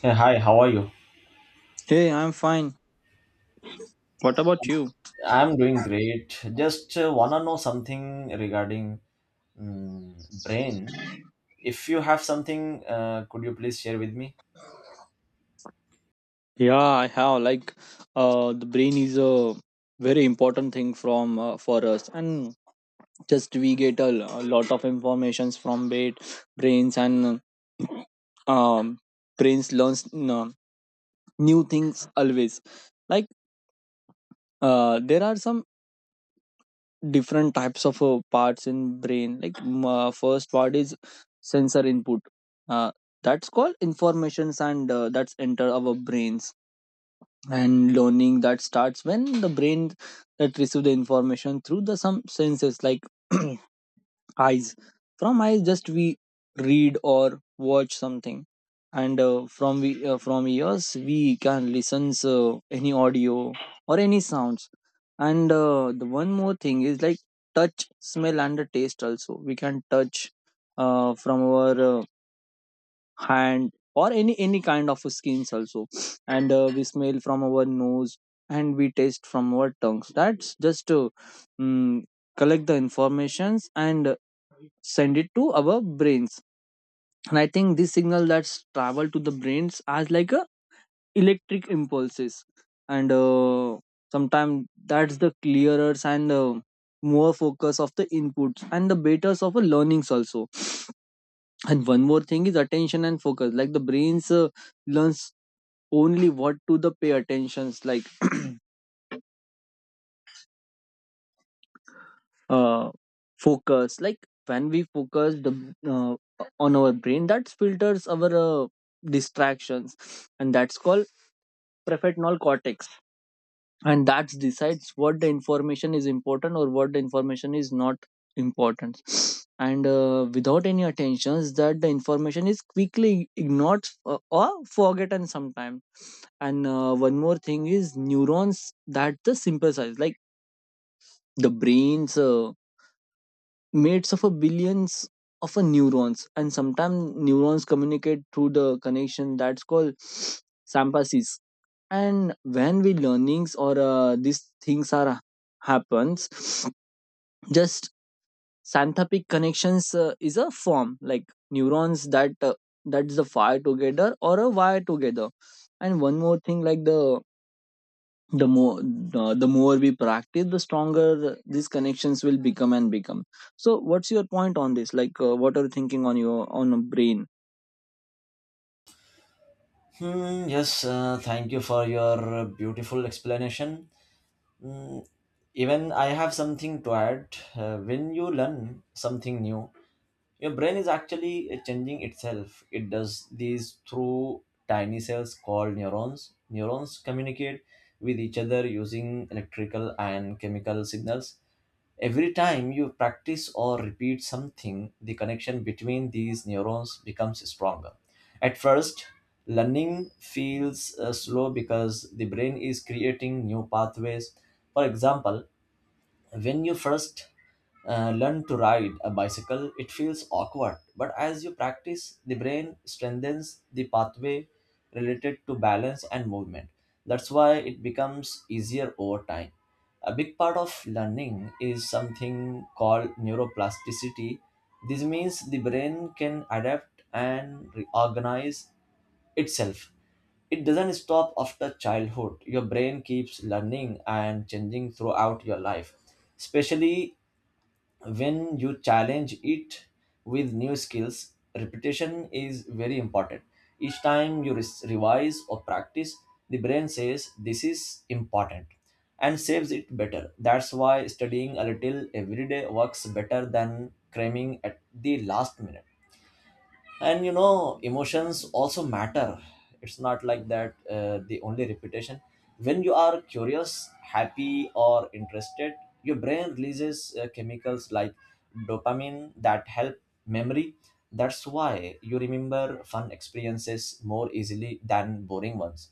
Hey, hi, how are you? Hey, I'm fine. What about you? I'm doing great. Just wanna know something regarding brain. If you have something, could you please share with me? Yeah, I have like the brain is a very important thing from for us, and just we get a lot of informations from bait brains and um, brains learns uh, new things always. Like there are some different types of parts in brain. Like first part is sensor input. Uh, that's called informations and that's enter our brains, and learning that starts when the brain that receive the information through the some senses like eyes. From eyes just we read or watch something, and from ears we can listen any audio or any sounds. And the one more thing is like touch, smell and the taste. Also we can touch from our hand or any kind of skins also, and we smell from our nose, and we taste from our tongues. That's just to mm collect the informations and send it to our brains. And I think this signal that's travel to the brains as like a electric impulses, and sometimes that's the clearer and more focus of the inputs and the betas of a learnings also. And one more thing is attention and focus. Like the brains learns only what to the pay attentions. Like uh, focus. Like when we focus the on our brain, that filters our distractions, and that's called prefrontal cortex, and that decides what the information is important or what the information is not important. And without any attentions that the information is quickly ignored or forgotten sometimes. And one more thing is neurons, that the simple size. Like the brains made of a billions of a neurons, and sometimes neurons communicate through the connection that's called sympathy. And when we learnings or these things are happens, just synaptic connections is a form like neurons that that's the fire together or a wire together. And one more thing like the more we practice, the stronger these connections will become and become. So what's your point on this, like what are you thinking on your on a brain? Hmm, yes, thank you for your beautiful explanation. Mm, even I have something to add. When you learn something new, your brain is actually changing itself. It does these through tiny cells called neurons. Neurons communicate with each other using electrical and chemical signals. Every time you practice or repeat something, the connection between these neurons becomes stronger. At first, learning feels slow because the brain is creating new pathways. For example, when you first learn to ride a bicycle, it feels awkward, but as you practice, the brain strengthens the pathway related to balance and movement. That's why it becomes easier over time. A big part of learning is something called neuroplasticity. This means the brain can adapt and reorganize itself. It doesn't stop after childhood. Your brain keeps learning and changing throughout your life, especially when you challenge it with new skills. Repetition is very important. Each time you revise or practice, the brain says this is important and saves it better. That's why studying a little every day works better than cramming at the last minute, and emotions also matter. It's not like that, the only reputation. When you are curious, happy, or interested, your brain releases chemicals like dopamine that help memory. That's why you remember fun experiences more easily than boring ones.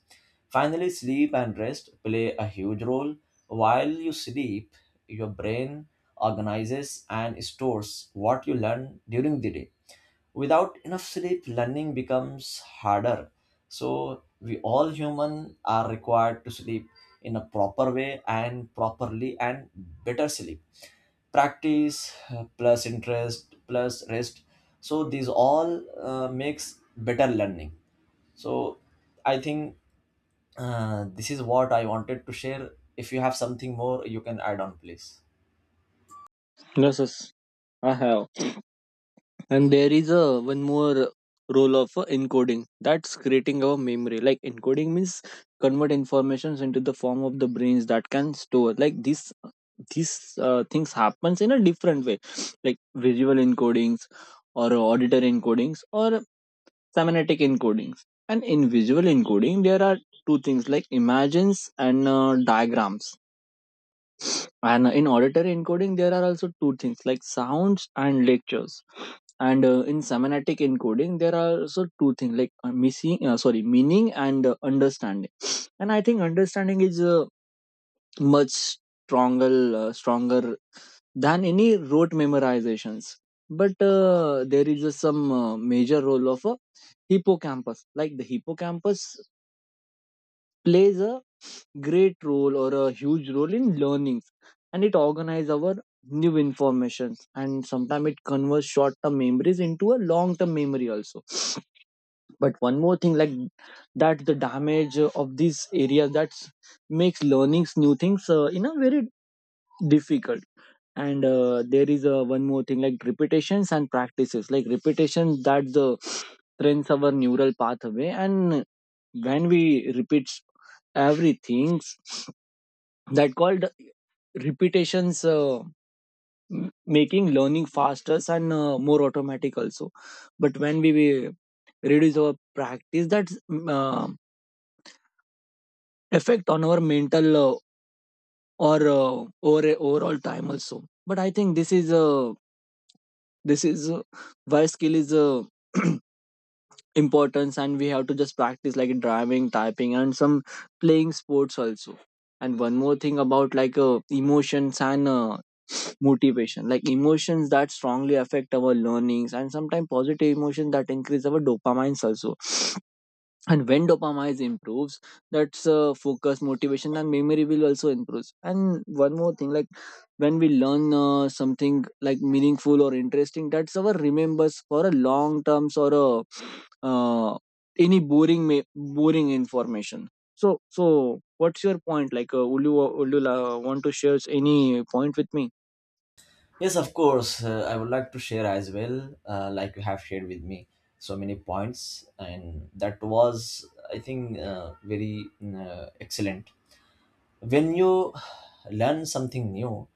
Finally, sleep and rest play a huge role. While you sleep, your brain organizes and stores what you learn during the day. Without enough sleep, learning becomes harder. So we all human are required to sleep in a proper way and properly and better sleep, practice plus interest plus rest. So these all makes better learning. So I think this is what I wanted to share. If you have something more, you can add on, please. Yes, yes, I have. And there is a one more role of encoding. That's creating our memory. Like encoding means convert informations into the form of the brains that can store. Like this these things happens in a different way, like visual encodings or auditor encodings or semantic encodings. And in visual encoding there are two things like images and diagrams, and in auditory encoding there are also two things like sounds and lectures, and in semantic encoding there are also two things like missing sorry meaning and understanding. And I think understanding is much stronger than any rote memorizations. But there is some major role of a hippocampus. Like the hippocampus plays a great role or a huge role in learnings, and it organizes our new informations, and sometimes it converts short-term memories into a long-term memory also. But one more thing like that the damage of these areas, that makes learnings new things in a very difficult. And there is one more thing like repetitions and practices. Like repetitions that the trains our neural pathway, and when we repeat everything, that called repetitions making learning faster and more automatic also. But when we reduce our practice, that's effect on our mental or overall time also. But I think this is why skill is importance, and we have to just practice like driving, typing and some playing sports also. And one more thing about like emotions and motivation. Like emotions that strongly affect our learnings, and sometimes positive emotions that increase our dopamines also. And when dopamine improves, that's focus, motivation and memory will also improves. And one more thing like when we learn something like meaningful or interesting, that's our remembers for a long terms or a uh, any boring information. So what's your point, like would you want to share any point with me? Yes, of course. I would like to share as well, like you have shared with me so many points, and that was, I think, very excellent. When you learn something new,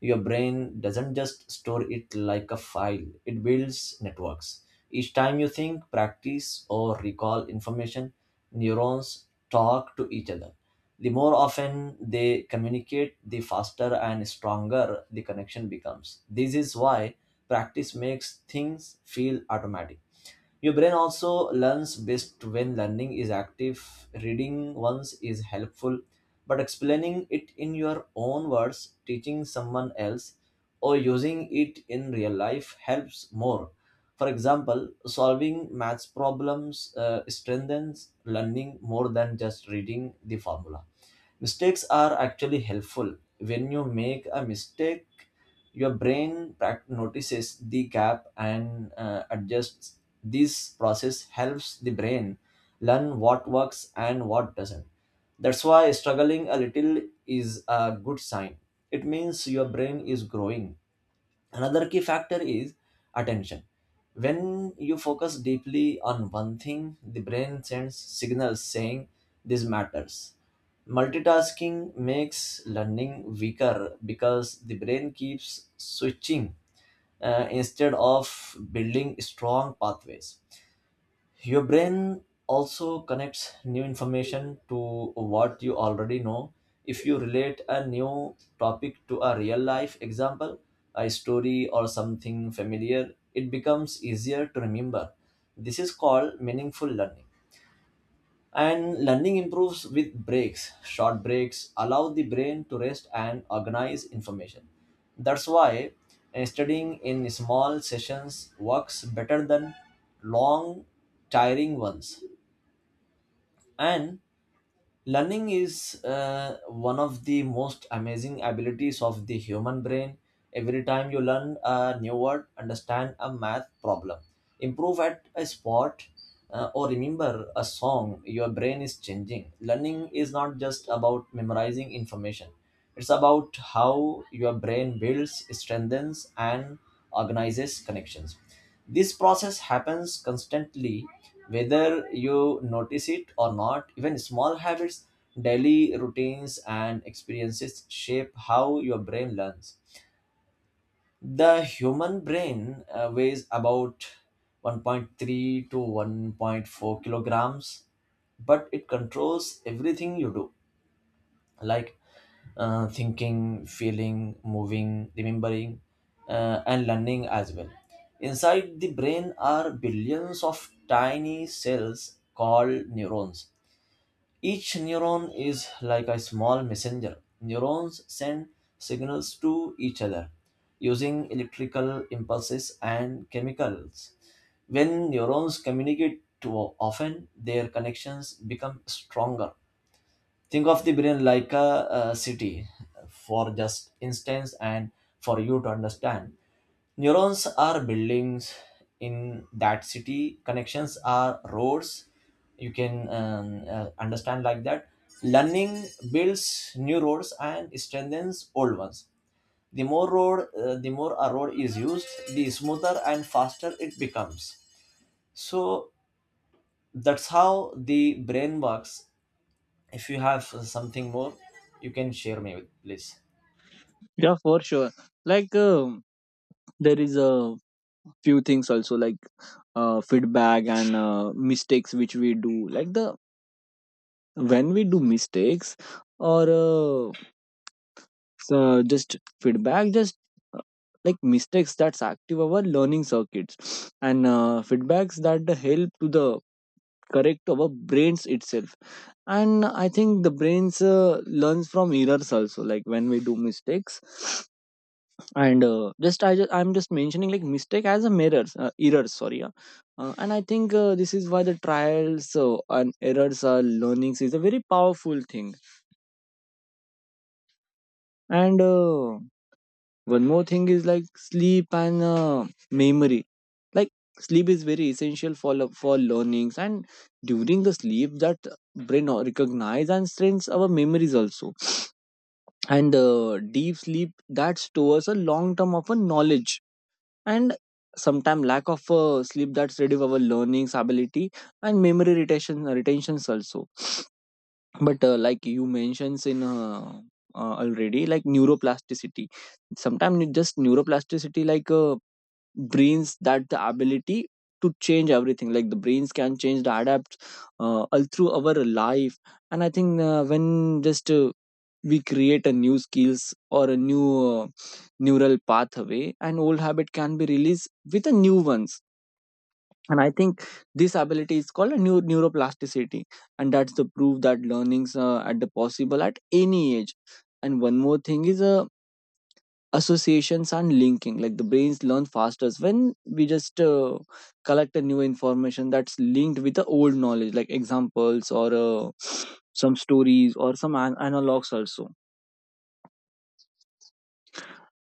your brain doesn't just store it like a file. It builds networks. Each time you think, practice, or recall information, neurons talk to each other. The more often they communicate, the faster and stronger the connection becomes. This is why practice makes things feel automatic. Your brain also learns best when learning is active. Reading once is helpful, but explaining it in your own words, teaching someone else, or using it in real life helps more. For example, solving maths problems strengthens learning more than just reading the formula. Mistakes are actually helpful. When you make a mistake, your brain notices the gap and adjusts. This process helps the brain learn what works and what doesn't. That's why struggling a little is a good sign. It means your brain is growing. Another key factor is attention. When you focus deeply on one thing, the brain sends signals saying this matters. Multitasking makes learning weaker because the brain keeps switching instead of building strong pathways. Your brain also connects new information to what you already know. If you relate a new topic to a real life example, a story, or something familiar, it becomes easier to remember. This is called meaningful learning. And learning improves with breaks. Short breaks allow the brain to rest and organize information. That's why studying in small sessions works better than long, tiring ones. And learning is one of the most amazing abilities of the human brain. Every time you learn a new word, understand a math problem, improve at a sport, or remember a song, your brain is changing. Learning is not just about memorizing information, it's about how your brain builds, strengthens, and organizes connections. This process happens constantly, whether you notice it or not. Even small habits, daily routines, and experiences shape how your brain learns. The human brain weighs about 1.3 to 1.4 kilograms, but it controls everything you do, like thinking, feeling, moving, remembering, and learning as well. Inside the brain are billions of tiny cells called neurons. Each neuron is like a small messenger. Neurons send signals to each other using electrical impulses and chemicals. When neurons communicate too often, their connections become stronger. Think of the brain like a city, for just instance, and for you to understand. Neurons are buildings in that city, connections are roads. You can understand like that. Learning builds new roads and strengthens old ones. The more a road is used, the smoother and faster it becomes. So that's how the brain works. If you have something more, you can share me with, please. Yeah, for sure. Like there is a few things also, like feedback and mistakes which we do. Like the when we do mistakes or so just feedback just uh, like mistakes, that's active our learning circuits, and feedbacks that help to the correct our brains itself. And I think the brains learns from errors also, like when we do mistakes. And just I just I'm just mentioning like mistake as a mirrors, errors, sorry. Yeah. And I think this is why the trials and errors are learnings is a very powerful thing. And one more thing is like sleep and memory. Like sleep is very essential for learnings, and during the sleep that recognize and strengthens our memories also. And deep sleep that stores a long term of a knowledge, and sometime lack of sleep, that's reduce our learning ability and memory retentions also. But like you mentions in already, like neuroplasticity. Sometimes just neuroplasticity, like brains that the ability to change everything, like the brains can change the adapt all through our life. And I think when just we create a new skills or a new uh, neural pathway, and old habit can be released with a new ones. And I think this ability is called a new neuroplasticity, and that's the proof that learnings at the possible at any age. And one more thing is associations and linking. Like the brains learn fastest when we just collect a new information that's linked with the old knowledge, like examples or some stories or some analogs also.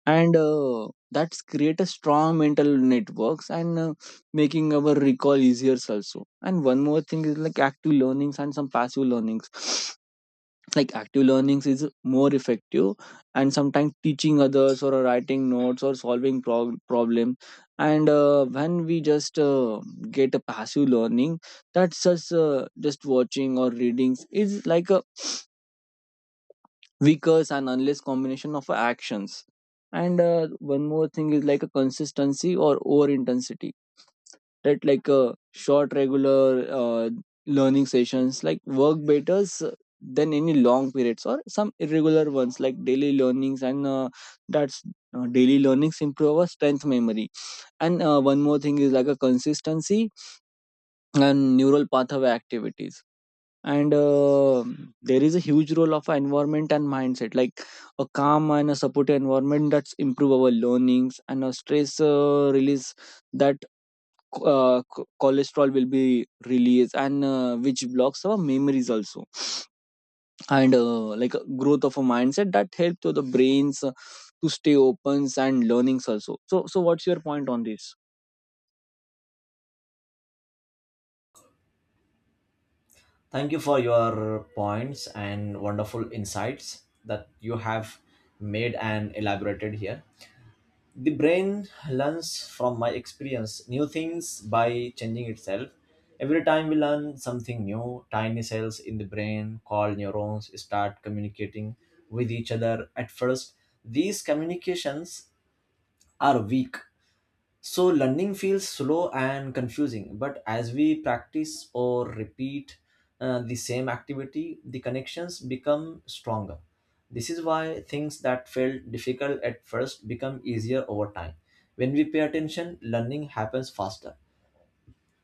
And that's create a strong mental networks, and making our recall easier also. And one more thing is like active learnings and some passive learnings. Like active learnings is more effective, and sometimes teaching others or writing notes or solving problem. And when we just get a passive learning, that's just watching or readings, is like a weakest and unless combination of actions. And one more thing is like a consistency or over intensity, that like a short regular learning sessions like work better than any long periods or some irregular ones, like daily learnings. And that's daily learnings improve our strength memory. And one more thing is like a consistency and neural pathway activities. And there is a huge role of environment and mindset. Like a calm and a supportive environment that's improve our learnings, and a stress release, that cholesterol will be released, and which blocks our memories also. And like a growth of a mindset that help to the brains to stay opens and learnings also. So what's your point on this? Thank you for your points and wonderful insights that you have made and elaborated here. The brain learns from my experience new things by changing itself. Every time we learn something new, tiny cells in the brain called neurons start communicating with each other. At first, these communications are weak. So learning feels slow and confusing, but as we practice or repeat the same activity, the connections become stronger. This is why things that felt difficult at first become easier over time. When we pay attention, learning happens faster.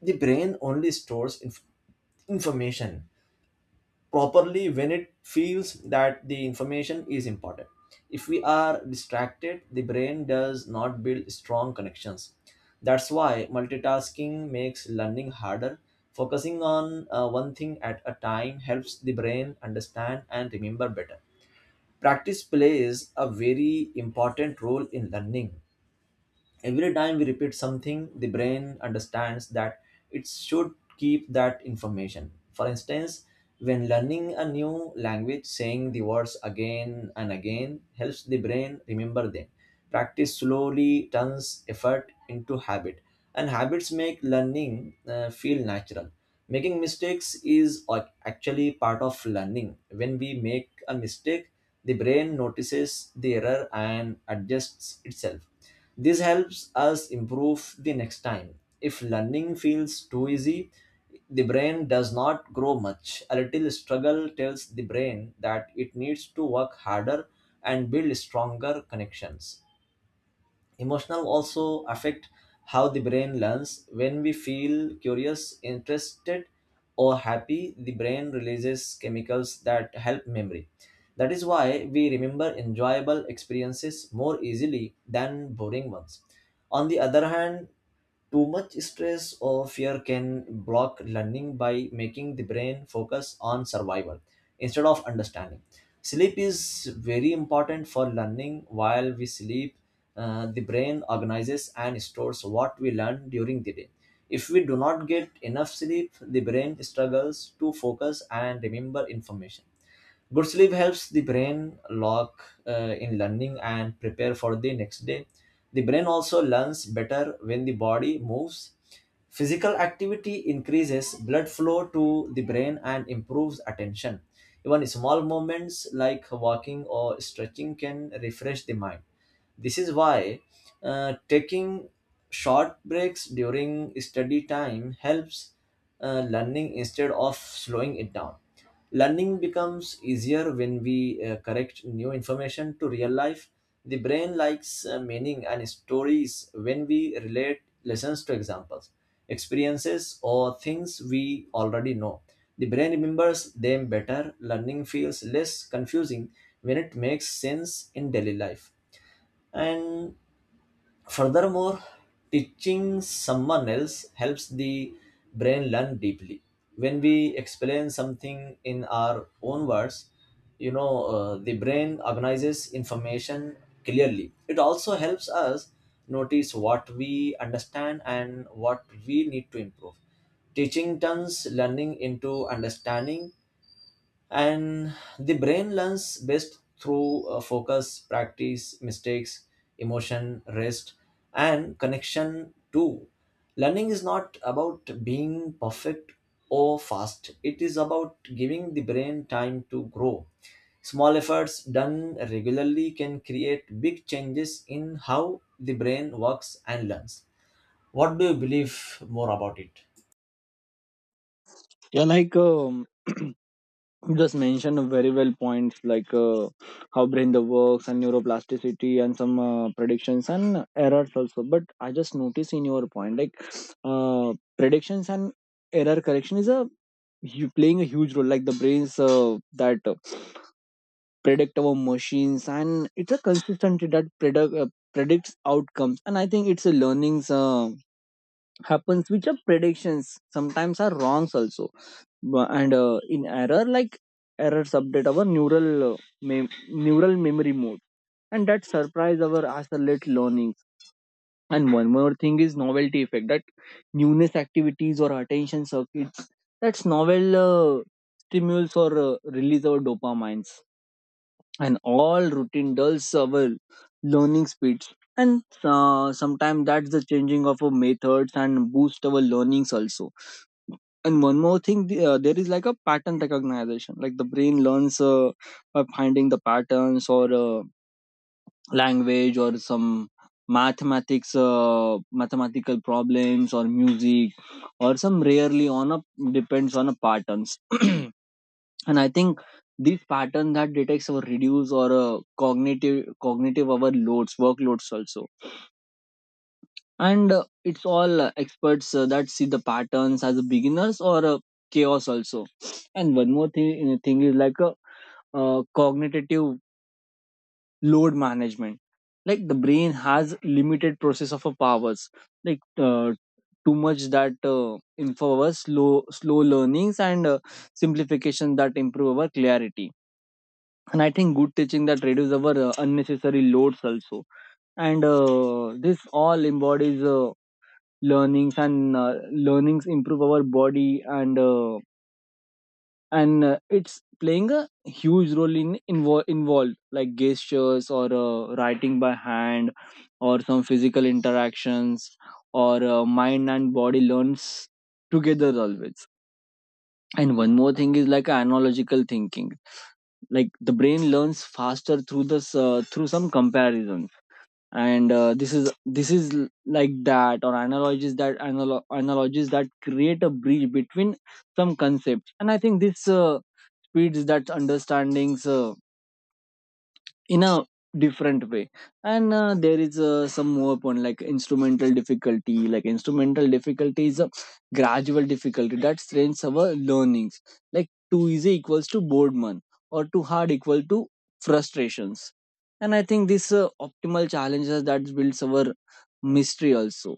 The brain only stores information properly when it feels that the information is important. If we are distracted, the brain does not build strong connections. That's why multitasking makes learning harder. Focusing on one thing at a time helps the brain understand and remember better. Practice plays a very important role in learning. Every time we repeat something, the brain understands that it should keep that information. For instance, when learning a new language, saying the words again and again helps the brain remember them. Practice slowly turns effort into habit, and habits make learning feel natural. Making mistakes is actually part of learning. When we make a mistake, the brain notices the error and adjusts itself. This helps us improve the next time. If learning feels too easy, the brain does not grow much. A little struggle tells the brain that it needs to work harder and build stronger connections. Emotional also affect how the brain learns. When we feel curious, interested, or happy, the brain releases chemicals that help memory. That is why we remember enjoyable experiences more easily than boring ones. On the other hand, too much stress or fear can block learning by making the brain focus on survival instead of understanding. Sleep is very important for learning. While we sleep, the brain organizes and stores what we learn during the day. If we do not get enough sleep, the brain struggles to focus and remember information. Good sleep helps the brain lock in learning and prepare for the next day. The brain also learns better when the body moves. Physical activity increases blood flow to the brain and improves attention. Even small movements like walking or stretching can refresh the mind. This is why taking short breaks during study time helps learning instead of slowing it down. Learning becomes easier when we correct new information to real life. The brain likes meaning and stories when we relate lessons to examples, experiences, or things we already know. The brain remembers them better. Learning feels less confusing when it makes sense in daily life. And furthermore, teaching someone else helps the brain learn deeply. When we explain something in our own words, the brain organizes information clearly. It also helps us notice what we understand and what we need to improve. Teaching turns learning into understanding, and the brain learns best through focus, practice, mistakes, emotion, rest, and connection too. Learning is not about being perfect or fast. It is about giving the brain time to grow. Small efforts done regularly can create big changes in how the brain works and learns. What do you believe more about it? Yeah, like you just mentioned a very well points, like how brain the works and neuroplasticity and some predictions and errors also. But I just notice in your point, like uh, predictions and error correction is a you playing a huge role. Like the brains that predict our machines, and it's a consistency that predicts outcomes. And I think it's a learnings happens which are predictions sometimes are wrongs also. And in error, like errors update our neural neural memory mode, and that surprise our accelerate learning. And one more thing is novelty effect, that newness activities or attention circuits. That's novel stimulus or release our dopamines, and all routine dulls our learning speeds. And sometimes that's the changing of our methods and boost our learnings also. And one more thing, there is like a pattern recognition. Like the brain learns by finding the patterns or language or some mathematics mathematical problems or music, or some rarely on a depends on a patterns. And I think these pattern that detects our reduce or cognitive, overloads workloads also. And it's all experts that see the patterns as beginners or chaos also. And one more thing is like a cognitive load management. Like the brain has limited process of powers. Like uh, too much that infers slow learnings, and simplification that improve our clarity. And I think good teaching that reduces our unnecessary loads also. And this all embodies learnings, and learnings improve our body, and it's playing a huge role in involved, like gestures or writing by hand or some physical interactions, or mind and body learns together always. And one more thing is like analogical thinking. Like the brain learns faster through this through some comparison, and this is like that. Or analogies that analogies that create a bridge between some concepts. And I think this speeds that understandings. In a different way. And there is some more point like instrumental difficulty. Like instrumental difficulty is a gradual difficulty that strains our learnings. Like too easy equals to boredom, or too hard equal to frustrations. And I think this optimal challenges that builds our mystery also.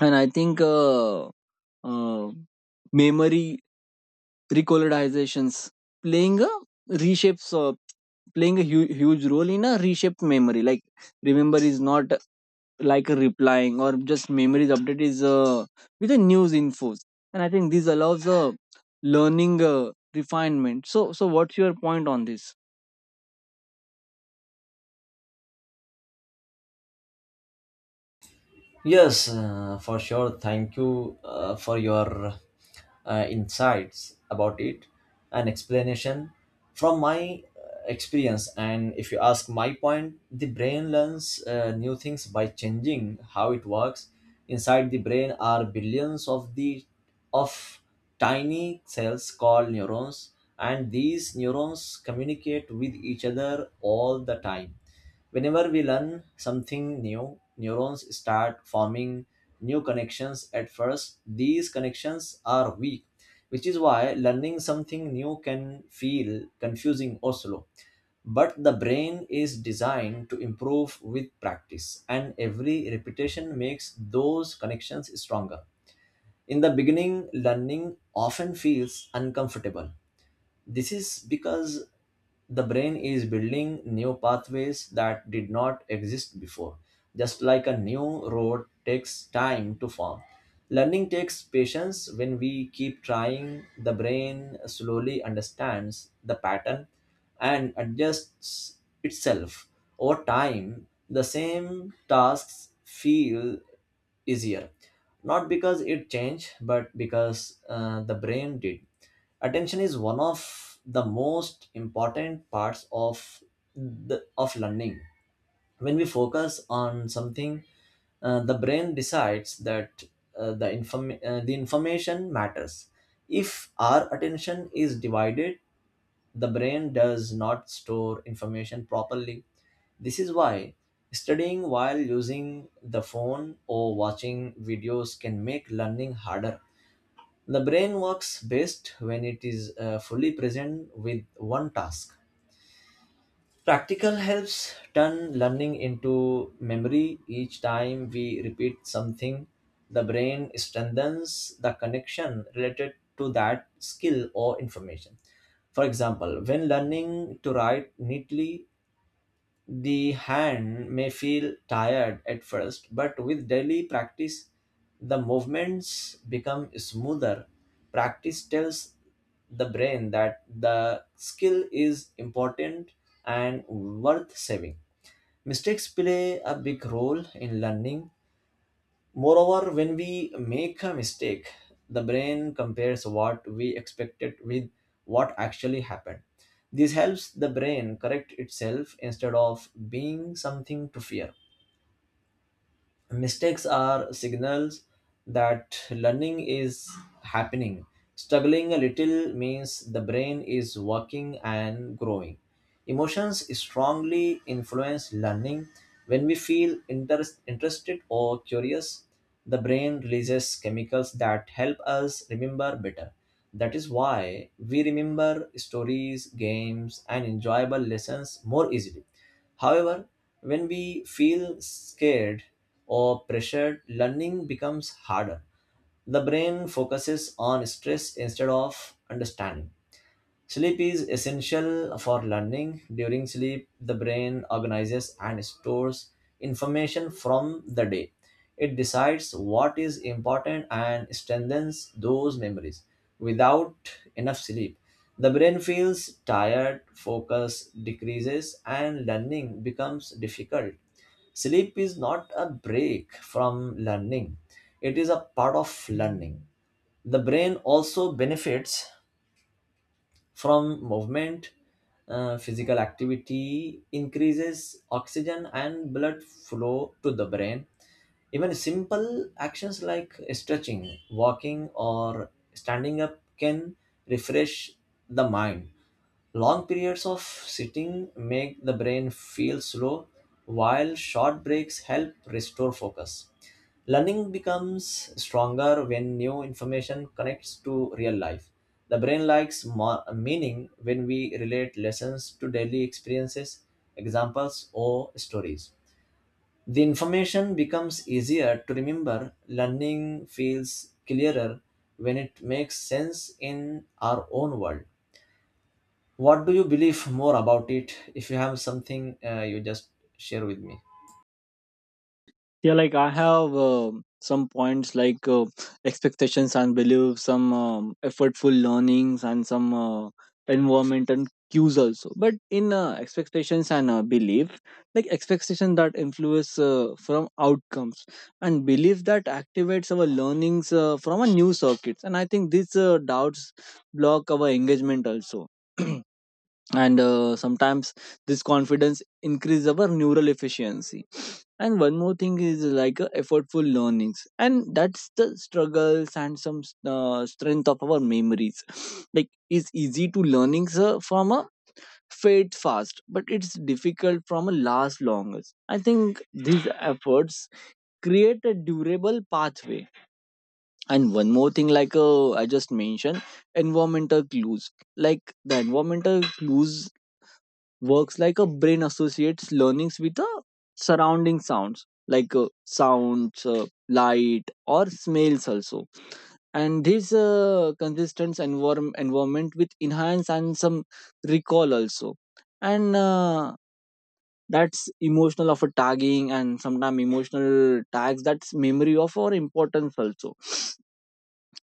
And I think uh, memory recolorizations playing a reshapes, playing a huge role in a reshaped memory. Like remember is not like a replying, or just memories update is with the news infos. And I think this allows a learning refinement. So what's your point on this? Yes, for sure. Thank you for your insights about it and explanation from my experience. And if you ask my point, the brain learns new things by changing how it works. Inside the brain are billions of tiny cells called neurons, and these neurons communicate with each other all the time. Whenever we learn something new, neurons start forming new connections. At first, these connections are weak, which is why learning something new can feel confusing or slow. But the brain is designed to improve with practice, and every repetition makes those connections stronger. In the beginning, learning often feels uncomfortable. This is because the brain is building new pathways that did not exist before. Just like a new road takes time to form, learning takes patience. When we keep trying, the brain slowly understands the pattern and adjusts itself. Over time, the same tasks feel easier, not because it changed, but because the brain did. Attention is one of the most important parts of learning. When we focus on something, the brain decides that the information matters. If our attention is divided, the brain does not store information properly. This is why studying while using the phone or watching videos can make learning harder. The brain works best when it is fully present with one task. Practical helps turn learning into memory. Each time we repeat something, the brain strengthens the connection related to that skill or information. For example, when learning to write neatly, the hand may feel tired at first, but with daily practice, the movements become smoother. Practice tells the brain that the skill is important and worth saving. Mistakes play a big role in learning. Moreover, when we make a mistake, the brain compares what we expected with what actually happened. This helps the brain correct itself instead of being something to fear. Mistakes are signals that learning is happening. Struggling a little means the brain is working and growing. Emotions strongly influence learning. When we feel interested or curious, the brain releases chemicals that help us remember better. That is why we remember stories, games, and enjoyable lessons more easily. However, when we feel scared or pressured, learning becomes harder. The brain focuses on stress instead of understanding. Sleep is essential for learning. During sleep, the brain organizes and stores information from the day. It decides what is important and strengthens those memories. Without enough sleep, the brain feels tired, focus decreases, and learning becomes difficult. Sleep is not a break from learning, it is a part of learning. The brain also benefits from movement. Physical activity increases oxygen and blood flow to the brain. Even simple actions like stretching, walking, or standing up can refresh the mind. Long periods of sitting make the brain feel slow, while short breaks help restore focus. Learning becomes stronger when new information connects to real life. The brain likes more meaning when we relate lessons to daily experiences, examples, or stories. The information becomes easier to remember. Learning feels clearer when it makes sense in our own world. What do you believe more about it? If you have something, you just share with me. Yeah, like I have some points, like expectations and beliefs, some effortful learnings, and some environment and cues also. But in expectations and belief, like expectation that influence from outcomes, and belief that activates our learnings from a new circuits. And I think these doubts block our engagement also. And sometimes this confidence increase our neural efficiency. And one more thing is like effortful learnings, and that's the struggles and some strength of our memories. Like it's easy to learnings from a fade fast, but it's difficult from a last longest. I think these efforts create a durable pathway. And one more thing, like I just mentioned environmental clues. Like the environmental clues works like a brain associates learnings with the surrounding sounds, like sounds, light or smells also. And this consistent environment with enhance and some recall also. And that's emotional of a tagging, and sometimes emotional tags that's memory of our importance also.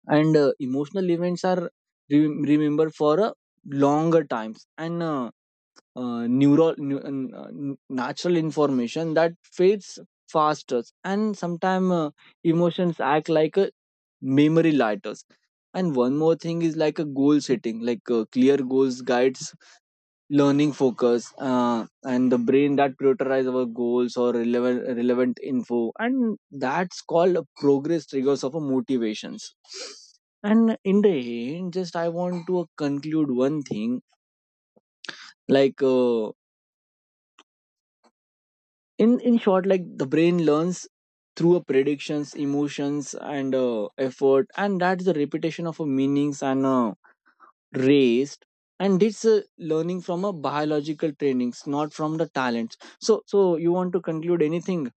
And emotional events are remembered for a longer times. And uh, neural nu- uh, natural information that fades faster. And sometimes emotions act like a memory lighters. And one more thing is like a goal setting. Like clear goals guides learning focus, and the brain that prioritize our goals or relevant info, and that's called a progress triggers of a motivations. And in the end, just I want to conclude one thing, like in short, like the brain learns through a predictions, emotions and effort, and that's the repetition of a meanings and raised. And it's learning from a biological trainings, not from the talents. So you want to conclude anything?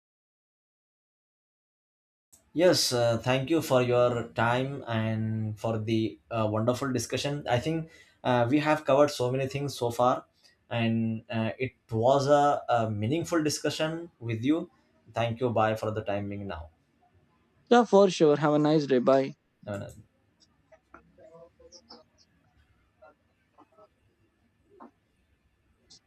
Yes, thank you for your time and for the wonderful discussion. I think we have covered so many things so far, and it was a meaningful discussion with you. Thank you. Bye for the timing now. Yeah, for sure. Have a nice day. Bye. Have a nice